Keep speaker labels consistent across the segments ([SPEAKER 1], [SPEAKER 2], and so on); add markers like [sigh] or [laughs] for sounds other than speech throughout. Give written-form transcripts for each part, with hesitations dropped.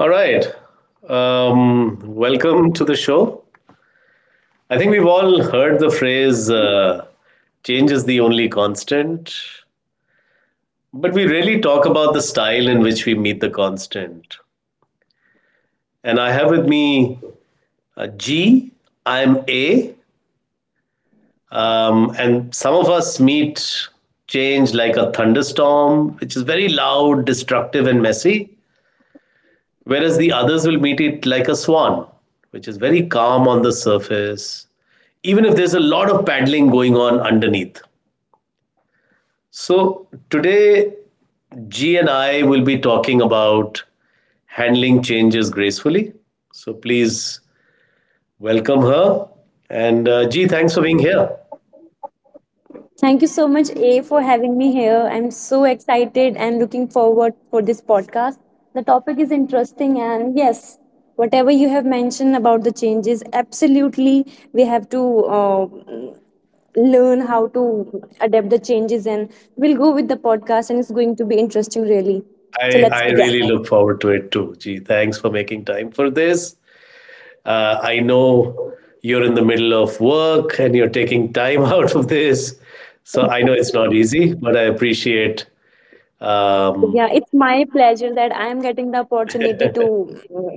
[SPEAKER 1] All right. Welcome to the show. I think we've all heard the phrase change is the only constant, but we rarely talk about the style in which we meet the constant. And I have with me G, I'm A, and some of us meet change like a thunderstorm, which is very loud, destructive, and messy. Whereas the others will meet it like a swan, which is very calm on the surface, even if there's a lot of paddling going on underneath. So, today, G and I will be talking about handling changes gracefully. So, please welcome her. And G, thanks for being here.
[SPEAKER 2] Thank you so much, A, for having me here. I'm so excited and looking forward for this podcast. The topic is interesting, and yes, whatever you have mentioned about the changes, absolutely, we have to uh, learn how to adapt the changes, and we'll go with the podcast, and it's going to be interesting, really. So
[SPEAKER 1] I,
[SPEAKER 2] let's
[SPEAKER 1] I
[SPEAKER 2] begin.
[SPEAKER 1] really look forward to it too. G, thanks for making time for this. I know you're in the middle of work and you're taking time [laughs] out of this. So I know it's not easy, but I appreciate. Um,
[SPEAKER 2] Yeah, it's my pleasure that I am getting the opportunity to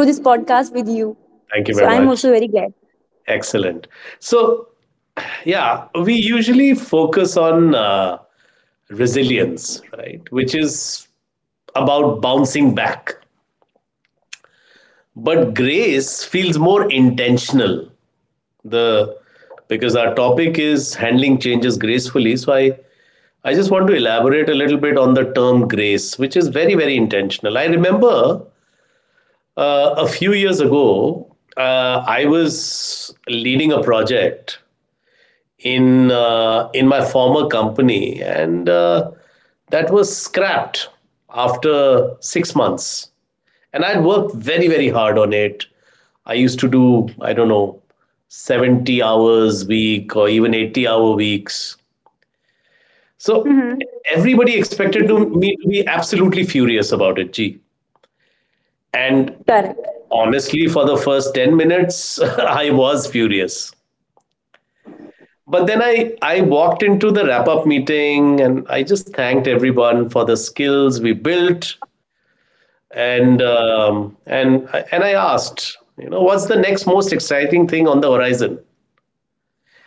[SPEAKER 2] do this podcast with you.
[SPEAKER 1] thank you very
[SPEAKER 2] So I'm
[SPEAKER 1] much.
[SPEAKER 2] also very glad.
[SPEAKER 1] Excellent. So yeah, we usually focus on resilience, right? Which is about bouncing back. But grace feels more intentional the because our topic is handling changes gracefully, so I just want to elaborate a little bit on the term grace, which is very very intentional. I remember a few years ago I was leading a project in in my former company, and that was scrapped after 6 months. And I'd worked very very hard on it. I used to do, I don't know, 70 hours a week or even 80 hour weeks. So
[SPEAKER 2] Hmm.
[SPEAKER 1] everybody me to be absolutely furious about it, Gee, and
[SPEAKER 2] Correct.
[SPEAKER 1] honestly, for the first 10 minutes, [laughs] I was furious. But then I walked into the wrap up meeting and I just thanked everyone for the skills we built. And, I asked, you know, what's the next most exciting thing on the horizon?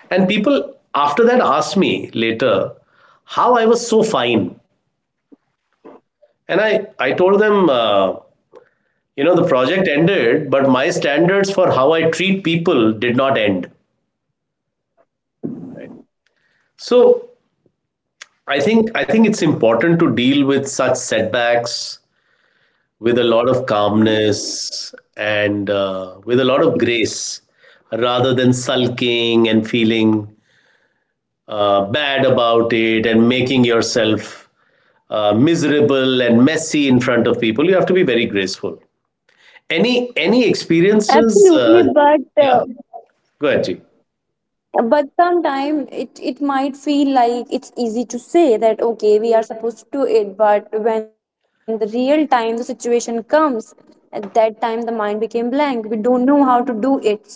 [SPEAKER 1] And people after that asked me later how I was so fine. And I told them, you know, the project ended, but my standards for how I treat people did not end. So I think it's important to deal with such setbacks with a lot of calmness and with a lot of grace, rather than sulking and feeling bad about it and making yourself miserable and messy. In front of people you have to be very graceful. Any experiences
[SPEAKER 2] Absolutely,
[SPEAKER 1] yeah, go ahead Ji.
[SPEAKER 2] but sometimes it might feel like it's easy to say that okay, we are supposed to do it, but when the real time the situation comes, at that time the mind became blank. We don't know how to do it. So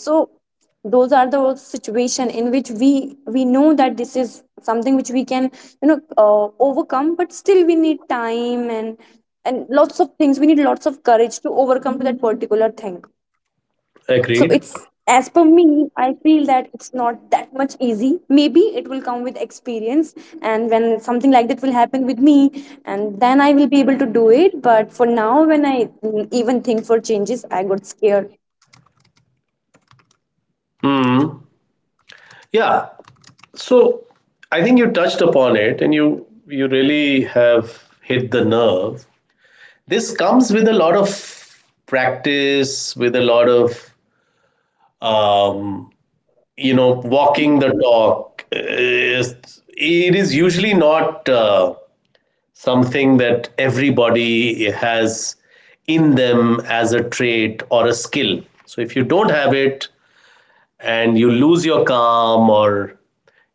[SPEAKER 2] those are the also situation in which we know that this is something which we can overcome, but still we need time and lots of things. We need lots of courage to overcome to that particular thing. So
[SPEAKER 1] Agreed.
[SPEAKER 2] it's as per me, I feel that it's not that much easy. Maybe it will come with experience, and when something like that will happen with me, and then I will be able to do it. But for now, when I even think for changes, I got scared.
[SPEAKER 1] Mm. Yeah. So I think you touched upon it and you really have hit the nerve. This comes with a lot of practice, with a lot of um, you know, walking the talk. Usually not something that everybody has in them as a trait or a skill. So if you don't have it and you lose your calm, or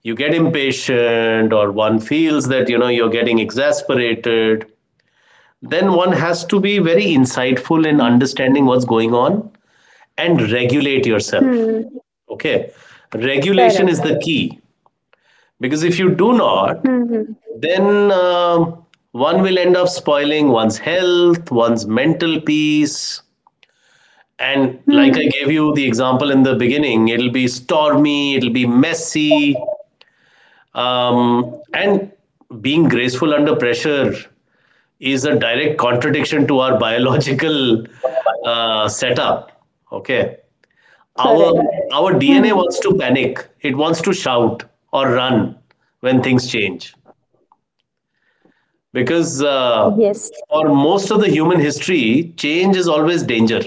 [SPEAKER 1] you get impatient, or one feels that, you know, you're getting exasperated, then one has to be very insightful in understanding what's going on and regulate yourself.
[SPEAKER 2] Hmm.
[SPEAKER 1] Okay. Regulation
[SPEAKER 2] Correct.
[SPEAKER 1] is the key, because if you do not,
[SPEAKER 2] Hmm.
[SPEAKER 1] then one will end up spoiling one's health, one's mental peace. And like I
[SPEAKER 2] Hmm.
[SPEAKER 1] gave you the example in the beginning, it'll be stormy, it'll be messy. And being graceful under pressure is a direct contradiction to our biological setup. Okay, our
[SPEAKER 2] Correct.
[SPEAKER 1] our DNA
[SPEAKER 2] Hmm.
[SPEAKER 1] wants to panic. It wants to shout or run when things change, because
[SPEAKER 2] Yes.
[SPEAKER 1] for most of the human history, change is always danger.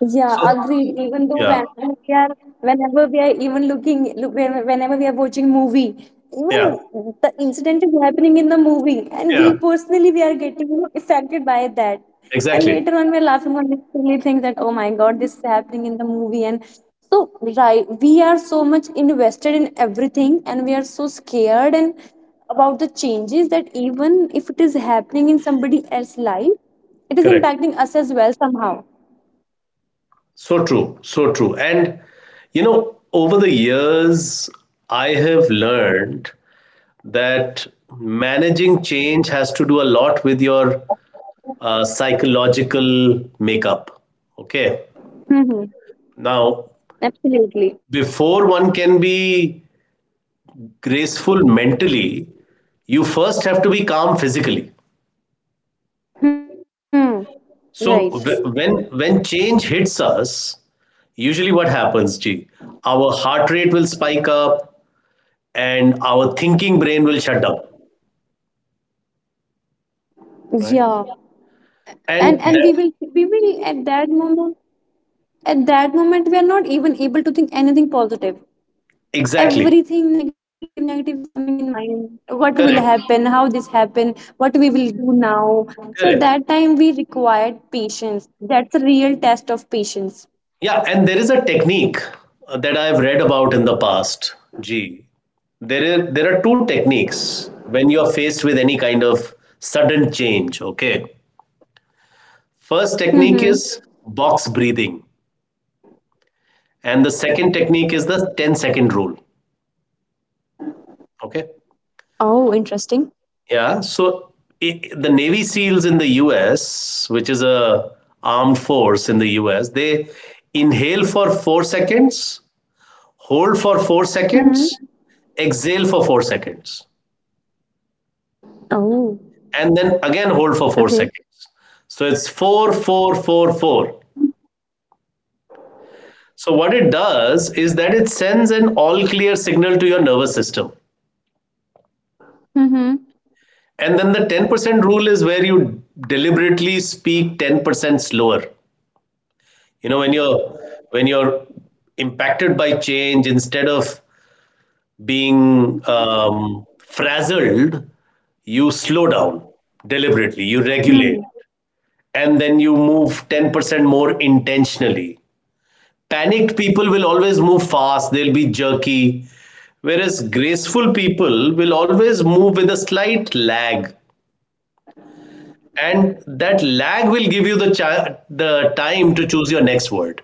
[SPEAKER 2] Yeah,
[SPEAKER 1] So
[SPEAKER 2] agreed. Even though
[SPEAKER 1] yeah,
[SPEAKER 2] we are, whenever we are even whenever we are watching movie, even
[SPEAKER 1] yeah,
[SPEAKER 2] the incident is happening in the movie, and we
[SPEAKER 1] yeah,
[SPEAKER 2] personally we are getting affected by that. And
[SPEAKER 1] exactly,
[SPEAKER 2] later on, we are laughing on this silly thing that oh my god, this is happening in the movie, and so right, we are so much invested in everything, and we are so scared and about the changes that even if it is happening in somebody else's life, it is
[SPEAKER 1] correct.
[SPEAKER 2] impacting us as well somehow.
[SPEAKER 1] So true, so true. And you know, over the years, I have learned that managing change has to do a lot with your psychological makeup. Okay. Now,
[SPEAKER 2] Absolutely.
[SPEAKER 1] before one can be graceful mentally, you first have to be calm physically.
[SPEAKER 2] Hmm. Right.
[SPEAKER 1] So when change hits us, usually what happens, G? Our heart rate will spike up and our thinking brain will shut down. Right.
[SPEAKER 2] Yeah. And
[SPEAKER 1] And
[SPEAKER 2] and we
[SPEAKER 1] that,
[SPEAKER 2] will we will at that moment we are not even able to think anything positive.
[SPEAKER 1] exactly.
[SPEAKER 2] Everything negative is coming in mind. What will
[SPEAKER 1] Correct.
[SPEAKER 2] happen? How this happen? What we will do now? So at
[SPEAKER 1] Correct.
[SPEAKER 2] that time we required patience. That's a real test of patience.
[SPEAKER 1] Yeah, and there is a technique that I've read about in the past. Gee, there are two techniques when you are faced with any kind of sudden change. Okay, first technique
[SPEAKER 2] Mm-hmm.
[SPEAKER 1] is box breathing, and the second technique is the 10 second rule. Okay,
[SPEAKER 2] Oh, interesting.
[SPEAKER 1] yeah. So I the Navy SEALs in the U.S., which is a armed force in the U.S., they inhale for 4 seconds, hold for 4 seconds,
[SPEAKER 2] Mm-hmm.
[SPEAKER 1] exhale for 4 seconds,
[SPEAKER 2] Oh,
[SPEAKER 1] and then again hold for four
[SPEAKER 2] okay.
[SPEAKER 1] seconds. So it's four, four, four, four. So what it does is that it sends an all clear signal to your nervous system.
[SPEAKER 2] Mm-hmm.
[SPEAKER 1] And then the 10% rule is where you deliberately speak 10% slower. You know, when you're when you're impacted by change, instead of being frazzled, you slow down deliberately, you regulate,
[SPEAKER 2] Hmm.
[SPEAKER 1] and then you move 10% more intentionally. Panicked people will always move fast, they'll be jerky, whereas graceful people will always move with a slight lag. And that lag will give you the time to choose your next word.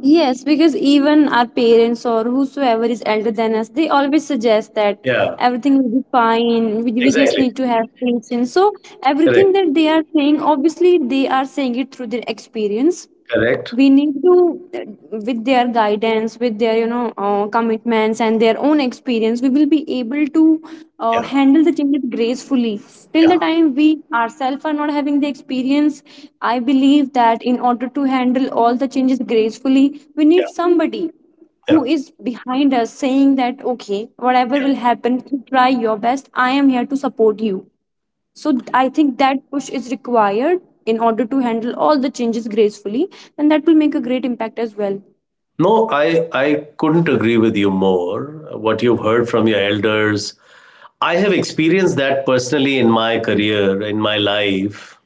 [SPEAKER 2] Yes, because even our parents or whosoever is elder than us, they always suggest that
[SPEAKER 1] Yeah,
[SPEAKER 2] everything will be fine. We just
[SPEAKER 1] exactly.
[SPEAKER 2] need to have patience. So, everything
[SPEAKER 1] Correct.
[SPEAKER 2] that they are saying, obviously, they are saying it through their experience.
[SPEAKER 1] Correct.
[SPEAKER 2] We need to with their guidance, with their commitments and their own experience, we will be able to
[SPEAKER 1] Yeah,
[SPEAKER 2] handle the changes gracefully till the
[SPEAKER 1] yeah,
[SPEAKER 2] time we ourselves are not having the experience. I believe that in order to handle all the changes gracefully, we need
[SPEAKER 1] yeah,
[SPEAKER 2] somebody
[SPEAKER 1] yeah.
[SPEAKER 2] who
[SPEAKER 1] Yeah.
[SPEAKER 2] is behind us saying that okay, whatever will happen, you try your best, I am here to support you. So I think that push is required in order to handle all the changes gracefully, and that will make a great impact as well.
[SPEAKER 1] No, I couldn't agree with you more. What you've heard from your elders, I have experienced that personally in my career, in my life.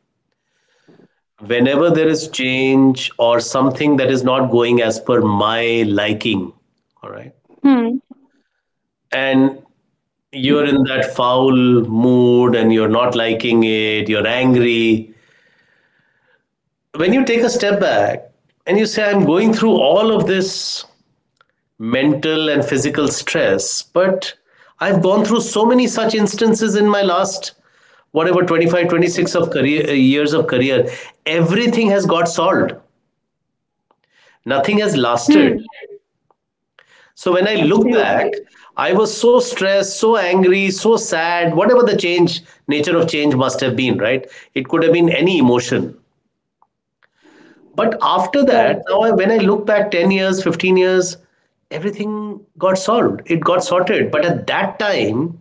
[SPEAKER 1] Whenever there is change or something that is not going as per my liking, all right,
[SPEAKER 2] Hmm.
[SPEAKER 1] and you're in that foul mood and you're not liking it, you're angry. When you take a step back and you say, I'm going through all of this mental and physical stress, but I've gone through so many such instances in my last whatever 25, 26 of career years of career, everything has got solved, nothing
[SPEAKER 2] Hmm.
[SPEAKER 1] has lasted. So when I
[SPEAKER 2] Absolutely.
[SPEAKER 1] look back, I was so stressed, so angry, so sad, whatever the change, nature of change must have been, right? It could have been any emotion. But after
[SPEAKER 2] Correct.
[SPEAKER 1] that, now when I look back 10 years, 15 years, everything got solved. It got sorted. But at that time,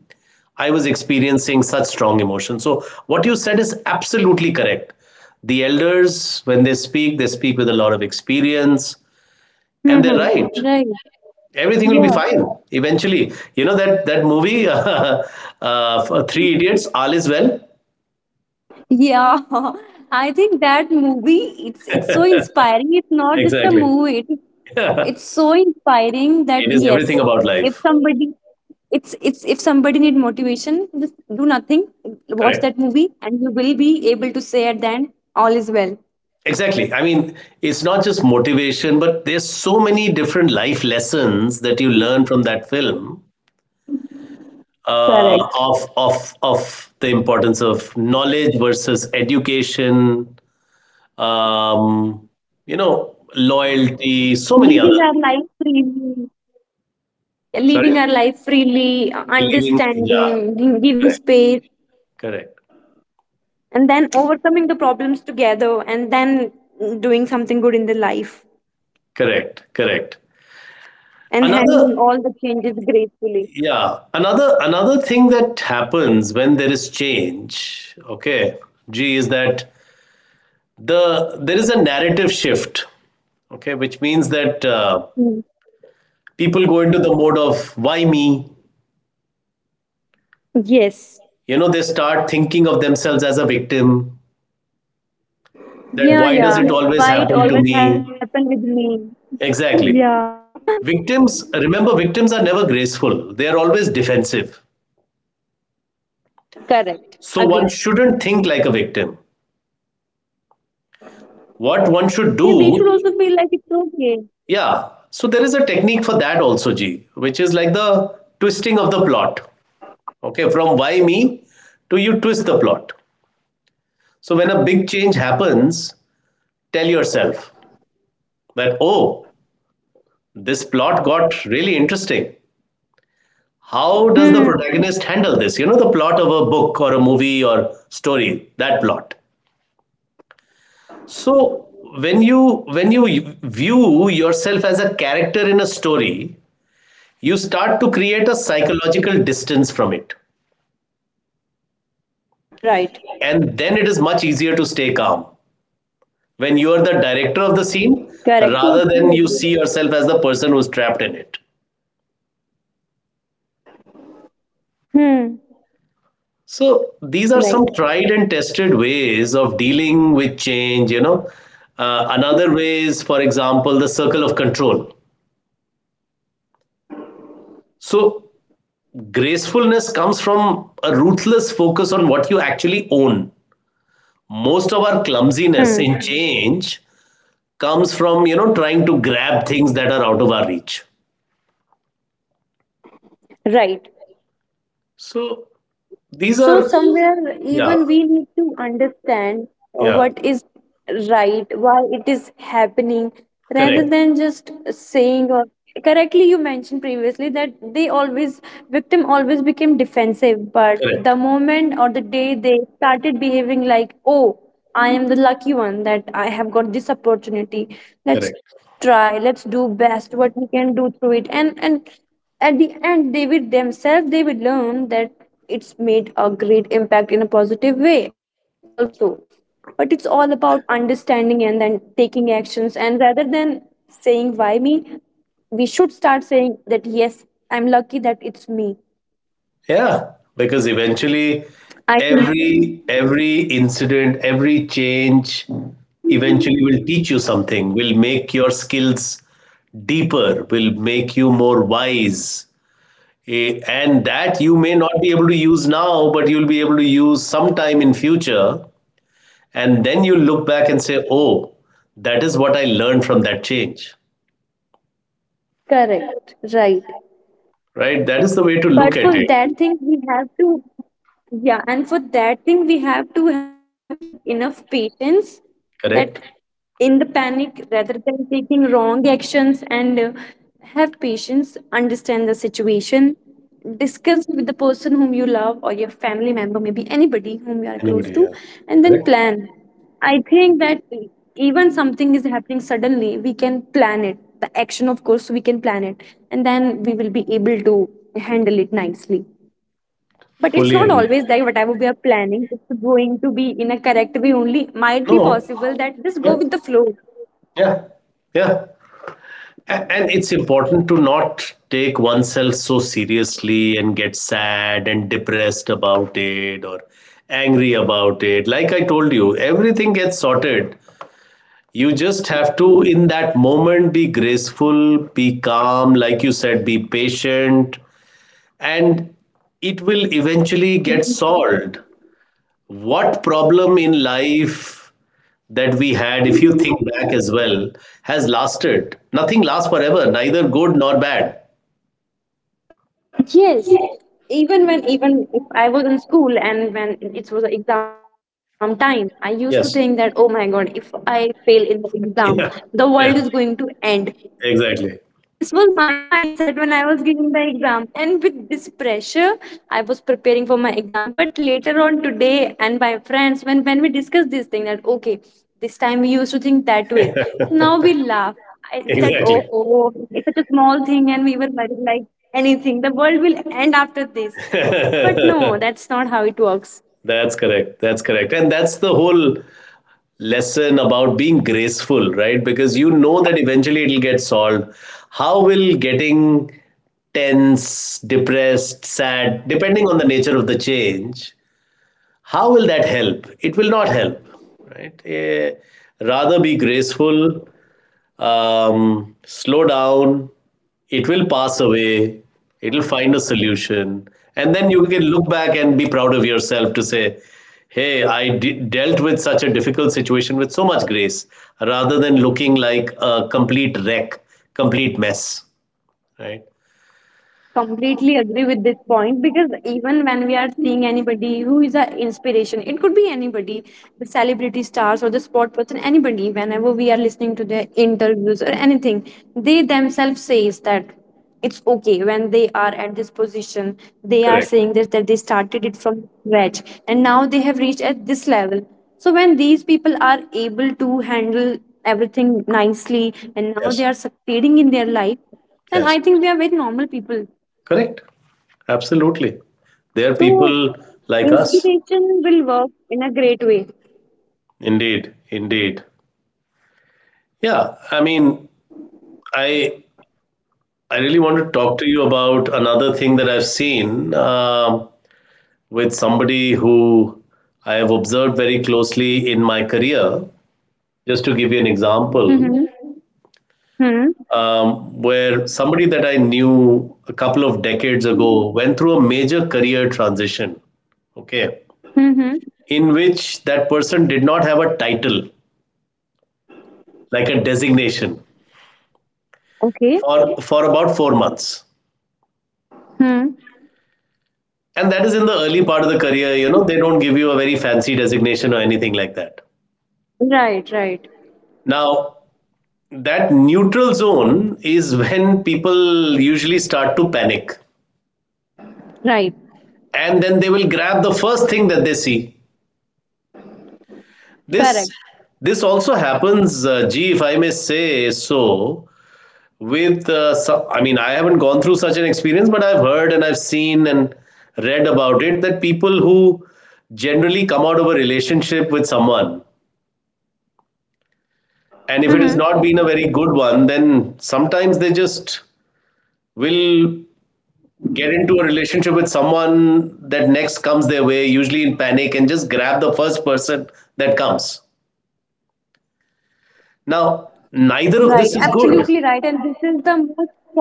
[SPEAKER 1] I was experiencing such strong emotion. So what you said is absolutely correct. The elders, when they speak with a lot of experience, and they're
[SPEAKER 2] Hmm.
[SPEAKER 1] right.
[SPEAKER 2] Right.
[SPEAKER 1] Everything will be
[SPEAKER 2] Yeah.
[SPEAKER 1] fine eventually. You know that that movie [laughs] for three idiots, all is well.
[SPEAKER 2] Yeah. [laughs] I think that movie, it's so inspiring. It's not just a
[SPEAKER 1] Exactly.
[SPEAKER 2] movie. It, it's so inspiring that
[SPEAKER 1] It is everything
[SPEAKER 2] yes,
[SPEAKER 1] about
[SPEAKER 2] if
[SPEAKER 1] life.
[SPEAKER 2] somebody, it's if somebody need motivation, just do nothing. Watch
[SPEAKER 1] Correct.
[SPEAKER 2] that movie, and you will be able to say at the end, all is well.
[SPEAKER 1] Exactly, I mean, it's not just motivation, but there's so many different life lessons that you learn from that film, uh,
[SPEAKER 2] Correct.
[SPEAKER 1] of the importance of knowledge versus education, um, you know, loyalty, so many other things.
[SPEAKER 2] Living our life freely, living our
[SPEAKER 1] Sorry.
[SPEAKER 2] life freely
[SPEAKER 1] Believing,
[SPEAKER 2] understanding,
[SPEAKER 1] yeah.
[SPEAKER 2] giving
[SPEAKER 1] Correct.
[SPEAKER 2] space,
[SPEAKER 1] Correct.
[SPEAKER 2] and then overcoming the problems together, and then doing something good in the life,
[SPEAKER 1] Correct, correct.
[SPEAKER 2] and handling all the
[SPEAKER 1] Another,
[SPEAKER 2] changes gracefully.
[SPEAKER 1] yeah, another thing that happens when there is change, okay, G, is that there is a narrative shift, okay, which means that
[SPEAKER 2] Hmm.
[SPEAKER 1] people go into the mode of why me?
[SPEAKER 2] Yes.
[SPEAKER 1] You know, they start thinking of themselves as a victim. That
[SPEAKER 2] yeah
[SPEAKER 1] why
[SPEAKER 2] yeah
[SPEAKER 1] does it always
[SPEAKER 2] why it
[SPEAKER 1] happen to
[SPEAKER 2] always
[SPEAKER 1] me?
[SPEAKER 2] happened with me. Yeah. [laughs]
[SPEAKER 1] Exactly. Victims, remember, victims are never graceful. They are always defensive.
[SPEAKER 2] Correct,
[SPEAKER 1] So
[SPEAKER 2] agreed.
[SPEAKER 1] one shouldn't think like a victim. What one should
[SPEAKER 2] Yeah, they
[SPEAKER 1] do,
[SPEAKER 2] should also feel like it's okay.
[SPEAKER 1] yeah, so there is a technique for that also, G, which is like the twisting of the plot. Okay, from why me, to you twist the plot. So when a big change happens, tell yourself that, oh, this plot got really interesting. How does the
[SPEAKER 2] Hmm.
[SPEAKER 1] protagonist handle this? You know, the plot of a book or a movie or story, that plot. So when you when you view yourself as a character in a story, you start to create a psychological distance from it.
[SPEAKER 2] Right.
[SPEAKER 1] And then it is much easier to stay calm when you are the director of the scene,
[SPEAKER 2] Correct,
[SPEAKER 1] rather than
[SPEAKER 2] totally
[SPEAKER 1] you
[SPEAKER 2] agree.
[SPEAKER 1] see yourself as the person who's trapped in it.
[SPEAKER 2] Hmm.
[SPEAKER 1] So these are
[SPEAKER 2] Right.
[SPEAKER 1] some tried and tested ways of dealing with change, you know. Another way is, for example, the circle of control. So gracefulness comes from a ruthless focus on what you actually own. Most of our
[SPEAKER 2] Hmm.
[SPEAKER 1] clumsiness in change comes from, you know, trying to grab things that are out of our reach.
[SPEAKER 2] Right.
[SPEAKER 1] So these
[SPEAKER 2] So
[SPEAKER 1] are,
[SPEAKER 2] somewhere
[SPEAKER 1] yeah,
[SPEAKER 2] even we need to understand
[SPEAKER 1] yeah,
[SPEAKER 2] what is right, why it is happening, rather
[SPEAKER 1] correct,
[SPEAKER 2] than just saying or correctly you mentioned previously that they always, victim always became defensive, but the
[SPEAKER 1] correct,
[SPEAKER 2] moment or the day they started behaving like, oh, I am the lucky one that I have got this opportunity. Let's
[SPEAKER 1] correct.
[SPEAKER 2] try, let's do best what we can do through it. And at the end they will themselves they will learn that it's made a great impact in a positive way also, but it's all about understanding and then taking actions, and rather than saying why me, we should start saying that yes, I'm lucky that it's me,
[SPEAKER 1] Yeah, because
[SPEAKER 2] I
[SPEAKER 1] eventually
[SPEAKER 2] can.
[SPEAKER 1] every incident, every change eventually will teach you something, will make your skills deeper, will make you more wise. Eh, and that you may not be able to use now, but you'll be able to use sometime in future. And then you look back and say, oh, that is what I learned from that change,
[SPEAKER 2] Correct, right,
[SPEAKER 1] right? That is the way to
[SPEAKER 2] but
[SPEAKER 1] look
[SPEAKER 2] for
[SPEAKER 1] at it,
[SPEAKER 2] that thing we have to. Yeah, and for that thing, we have to have that enough patience that
[SPEAKER 1] correct?
[SPEAKER 2] in the panic, rather than taking wrong actions and have patience, understand the situation, discuss with the person whom you love or your family member, maybe anybody whom you are
[SPEAKER 1] Anybody,
[SPEAKER 2] close to,
[SPEAKER 1] yeah.
[SPEAKER 2] and then
[SPEAKER 1] Correct?
[SPEAKER 2] plan. I think that even something is happening suddenly, we can plan it. The action, of course, we can plan it, and then we will be able to handle it nicely. But it's
[SPEAKER 1] Fully
[SPEAKER 2] not
[SPEAKER 1] agree.
[SPEAKER 2] always that whatever we are planning, it's going to be in a correct way only. Might be
[SPEAKER 1] No.
[SPEAKER 2] possible that just
[SPEAKER 1] Yeah.
[SPEAKER 2] go with the flow.
[SPEAKER 1] Yeah. Yeah. And it's important to not take oneself so seriously and get sad and depressed about it or angry about it. Like I told you, everything gets sorted. You just have to, in that moment, be graceful, be calm, like you said, be patient, and it will eventually get solved. What problem in life that we had, if you think back as well, has lasted? Nothing lasts forever, neither good nor bad.
[SPEAKER 2] Yes. Even if I was in school and when it was exam time, I used to think
[SPEAKER 1] Yes.
[SPEAKER 2] that oh my god, if I fail in the exam,
[SPEAKER 1] [laughs] Yeah,
[SPEAKER 2] the world
[SPEAKER 1] yeah,
[SPEAKER 2] is going to end.
[SPEAKER 1] exactly.
[SPEAKER 2] This was my mindset when I was giving the exam, and with this pressure I was preparing for my exam. But later on today and my friends, when we discussed this thing that okay this time we used to think that way, so now we laugh. I We said,
[SPEAKER 1] Exactly.
[SPEAKER 2] oh it's such a small thing, and we were worried like anything the world will end after this. But no,
[SPEAKER 1] [laughs]
[SPEAKER 2] that's not how it works.
[SPEAKER 1] That's correct. That's correct. And that's the whole lesson about being graceful, right? Because you know that eventually it'll get solved. How will getting tense, depressed, sad, depending on the nature of the change, how will that help? It will not help, right? Eh, rather be graceful, slow down. It will pass away. It will find a solution, and then you can look back and be proud of yourself to say, "Hey, dealt with such a difficult situation with so much grace," rather than looking like a complete wreck, complete mess, right?
[SPEAKER 2] Completely agree with this point, because even when we are seeing anybody who is an inspiration, it could be anybody, the celebrity stars or the sport person, anybody, whenever we are listening to their interviews or anything, they themselves says that it's okay. When they are at this position, they are
[SPEAKER 1] Correct.
[SPEAKER 2] saying this, that they started it from scratch and now they have reached at this level. So when these people are able to handle everything nicely and now
[SPEAKER 1] Yes.
[SPEAKER 2] they are succeeding in their life, and
[SPEAKER 1] Yes.
[SPEAKER 2] I think we are very normal people.
[SPEAKER 1] Correct. Absolutely. There are
[SPEAKER 2] So,
[SPEAKER 1] people like us.
[SPEAKER 2] inspiration will work in a great way.
[SPEAKER 1] Indeed. Indeed. Yeah. I mean, I I really want to talk to you about another thing that I've seen with somebody who I have observed very closely in my career. Just to give you an example,
[SPEAKER 2] Mm-hmm. Hmm.
[SPEAKER 1] where somebody that I knew a couple of decades ago went through a major career transition. Okay,
[SPEAKER 2] Mm-hmm.
[SPEAKER 1] in which that person did not have a title, like a designation, for
[SPEAKER 2] Okay.
[SPEAKER 1] about 4 months.
[SPEAKER 2] Hmm.
[SPEAKER 1] And that is in the early part of the career. You know, they don't give you a very fancy designation or anything like that.
[SPEAKER 2] Right, right.
[SPEAKER 1] Now, that neutral zone is [laughs] when people usually start to panic,
[SPEAKER 2] Right.
[SPEAKER 1] and then they will grab the first thing that they see. this
[SPEAKER 2] Correct.
[SPEAKER 1] this also happens, gee, if I may say so, with I mean, I haven't gone through such an experience, but I've heard and I've seen and read about it, that people who generally come out of a relationship with someone,
[SPEAKER 2] Mm-hmm.
[SPEAKER 1] and if it has not been a very good one, then sometimes they just will get into a relationship with someone that next comes their way, usually in panic, and just grab the first person that comes. Now,
[SPEAKER 2] Right,
[SPEAKER 1] neither of this
[SPEAKER 2] absolutely
[SPEAKER 1] is
[SPEAKER 2] right. And
[SPEAKER 1] good.
[SPEAKER 2] this is the most common.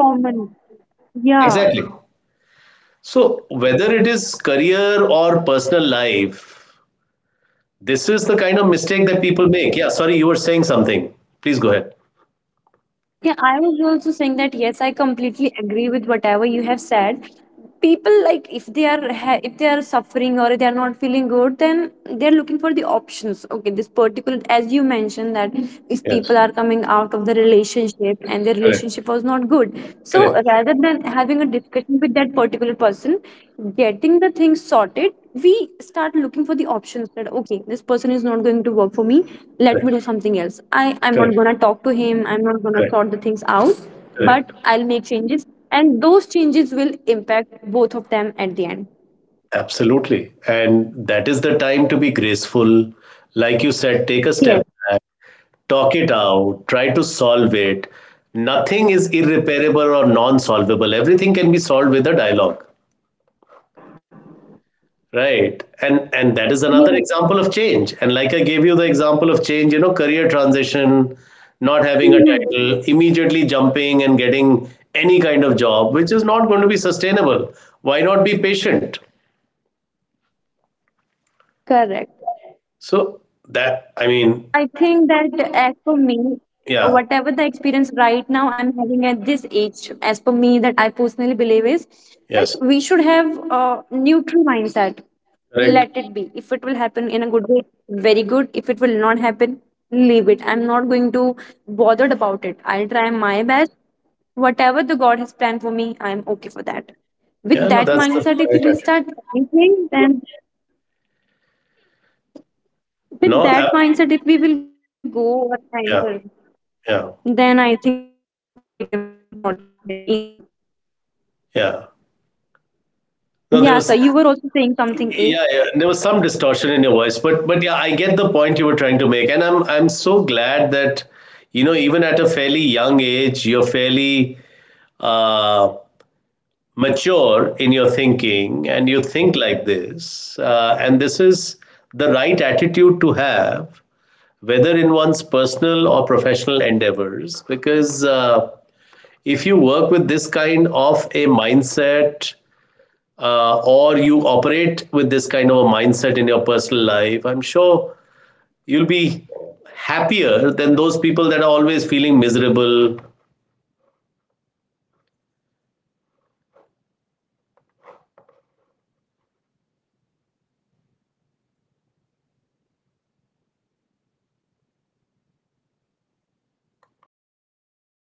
[SPEAKER 2] Yeah.
[SPEAKER 1] Exactly. So, whether it is career or personal life, this is the kind of mistake that people make. Yeah, sorry, you were saying something. Please go ahead.
[SPEAKER 2] Yeah, I was also saying that yes, I completely agree with whatever you have said. People like if they are if they are suffering or if they are not feeling good, then they are looking for the options. Okay, this particular, as you mentioned, that if
[SPEAKER 1] Yes,
[SPEAKER 2] people are coming out of the relationship and their
[SPEAKER 1] correct,
[SPEAKER 2] relationship was not good, so
[SPEAKER 1] correct,
[SPEAKER 2] rather than having a discussion with that particular person, getting the things sorted, we start looking for the options that okay, this person is not going to work for me,
[SPEAKER 1] correct,
[SPEAKER 2] let me do something else. i
[SPEAKER 1] correct,
[SPEAKER 2] i'm not going to talk to him, I'm
[SPEAKER 1] correct,
[SPEAKER 2] not going to sort the things out,
[SPEAKER 1] correct.
[SPEAKER 2] but I'll make changes, and those changes will impact both of them at the end.
[SPEAKER 1] Absolutely. And that is the time to be graceful. Like you said, take a step back,
[SPEAKER 2] Yes.
[SPEAKER 1] talk it out, try to solve it. Nothing is irreparable or non solvable. Everything can be solved with a dialogue. Right. And that is another example of change.
[SPEAKER 2] Yes.
[SPEAKER 1] And like I gave you the example of change, you know, career transition, not having a title, immediately
[SPEAKER 2] Mhm.
[SPEAKER 1] jumping and getting any kind of job, which is not going to be sustainable. Why not be patient?
[SPEAKER 2] Correct.
[SPEAKER 1] So that, I mean,
[SPEAKER 2] I think that as for me,
[SPEAKER 1] yeah,
[SPEAKER 2] whatever the experience right now I'm having at this age, as for me, that I personally believe is that
[SPEAKER 1] yes,
[SPEAKER 2] we should have a neutral mindset. Let
[SPEAKER 1] correct.
[SPEAKER 2] it be. If it will happen in a good way, very good. If it will not happen, leave it. I'm not going to bothered about it. I'll try my best. Whatever the God has planned for me, I'm okay for that. With
[SPEAKER 1] Yeah, no,
[SPEAKER 2] that
[SPEAKER 1] that's the
[SPEAKER 2] mindset, if
[SPEAKER 1] right
[SPEAKER 2] we will start
[SPEAKER 1] attitude.
[SPEAKER 2] anything, then
[SPEAKER 1] No,
[SPEAKER 2] with
[SPEAKER 1] ab-
[SPEAKER 2] that mindset, if we will go or
[SPEAKER 1] yeah,
[SPEAKER 2] enter,
[SPEAKER 1] yeah,
[SPEAKER 2] then I think things will become sorted and easy.
[SPEAKER 1] yeah. No, there
[SPEAKER 2] Yeah,
[SPEAKER 1] was.
[SPEAKER 2] sir, you were also saying something, A.
[SPEAKER 1] Yeah, yeah. There was some distortion in your voice, but yeah, I get the point you were trying to make, and I'm so glad that you know, even at a fairly young age, you're fairly uh, mature in your thinking and you think like this, and this is the right attitude to have, whether in one's personal or professional endeavors, because if you work with this kind of a mindset, or you operate with this kind of a mindset in your personal life, I'm sure you'll be happier than those people that are always feeling miserable.
[SPEAKER 2] Yes, I completely agree. And I also feel that every person cannot be same with everyone. It's just our point of view, how we are looking towards that person. Today, if I have some friend, I'm talking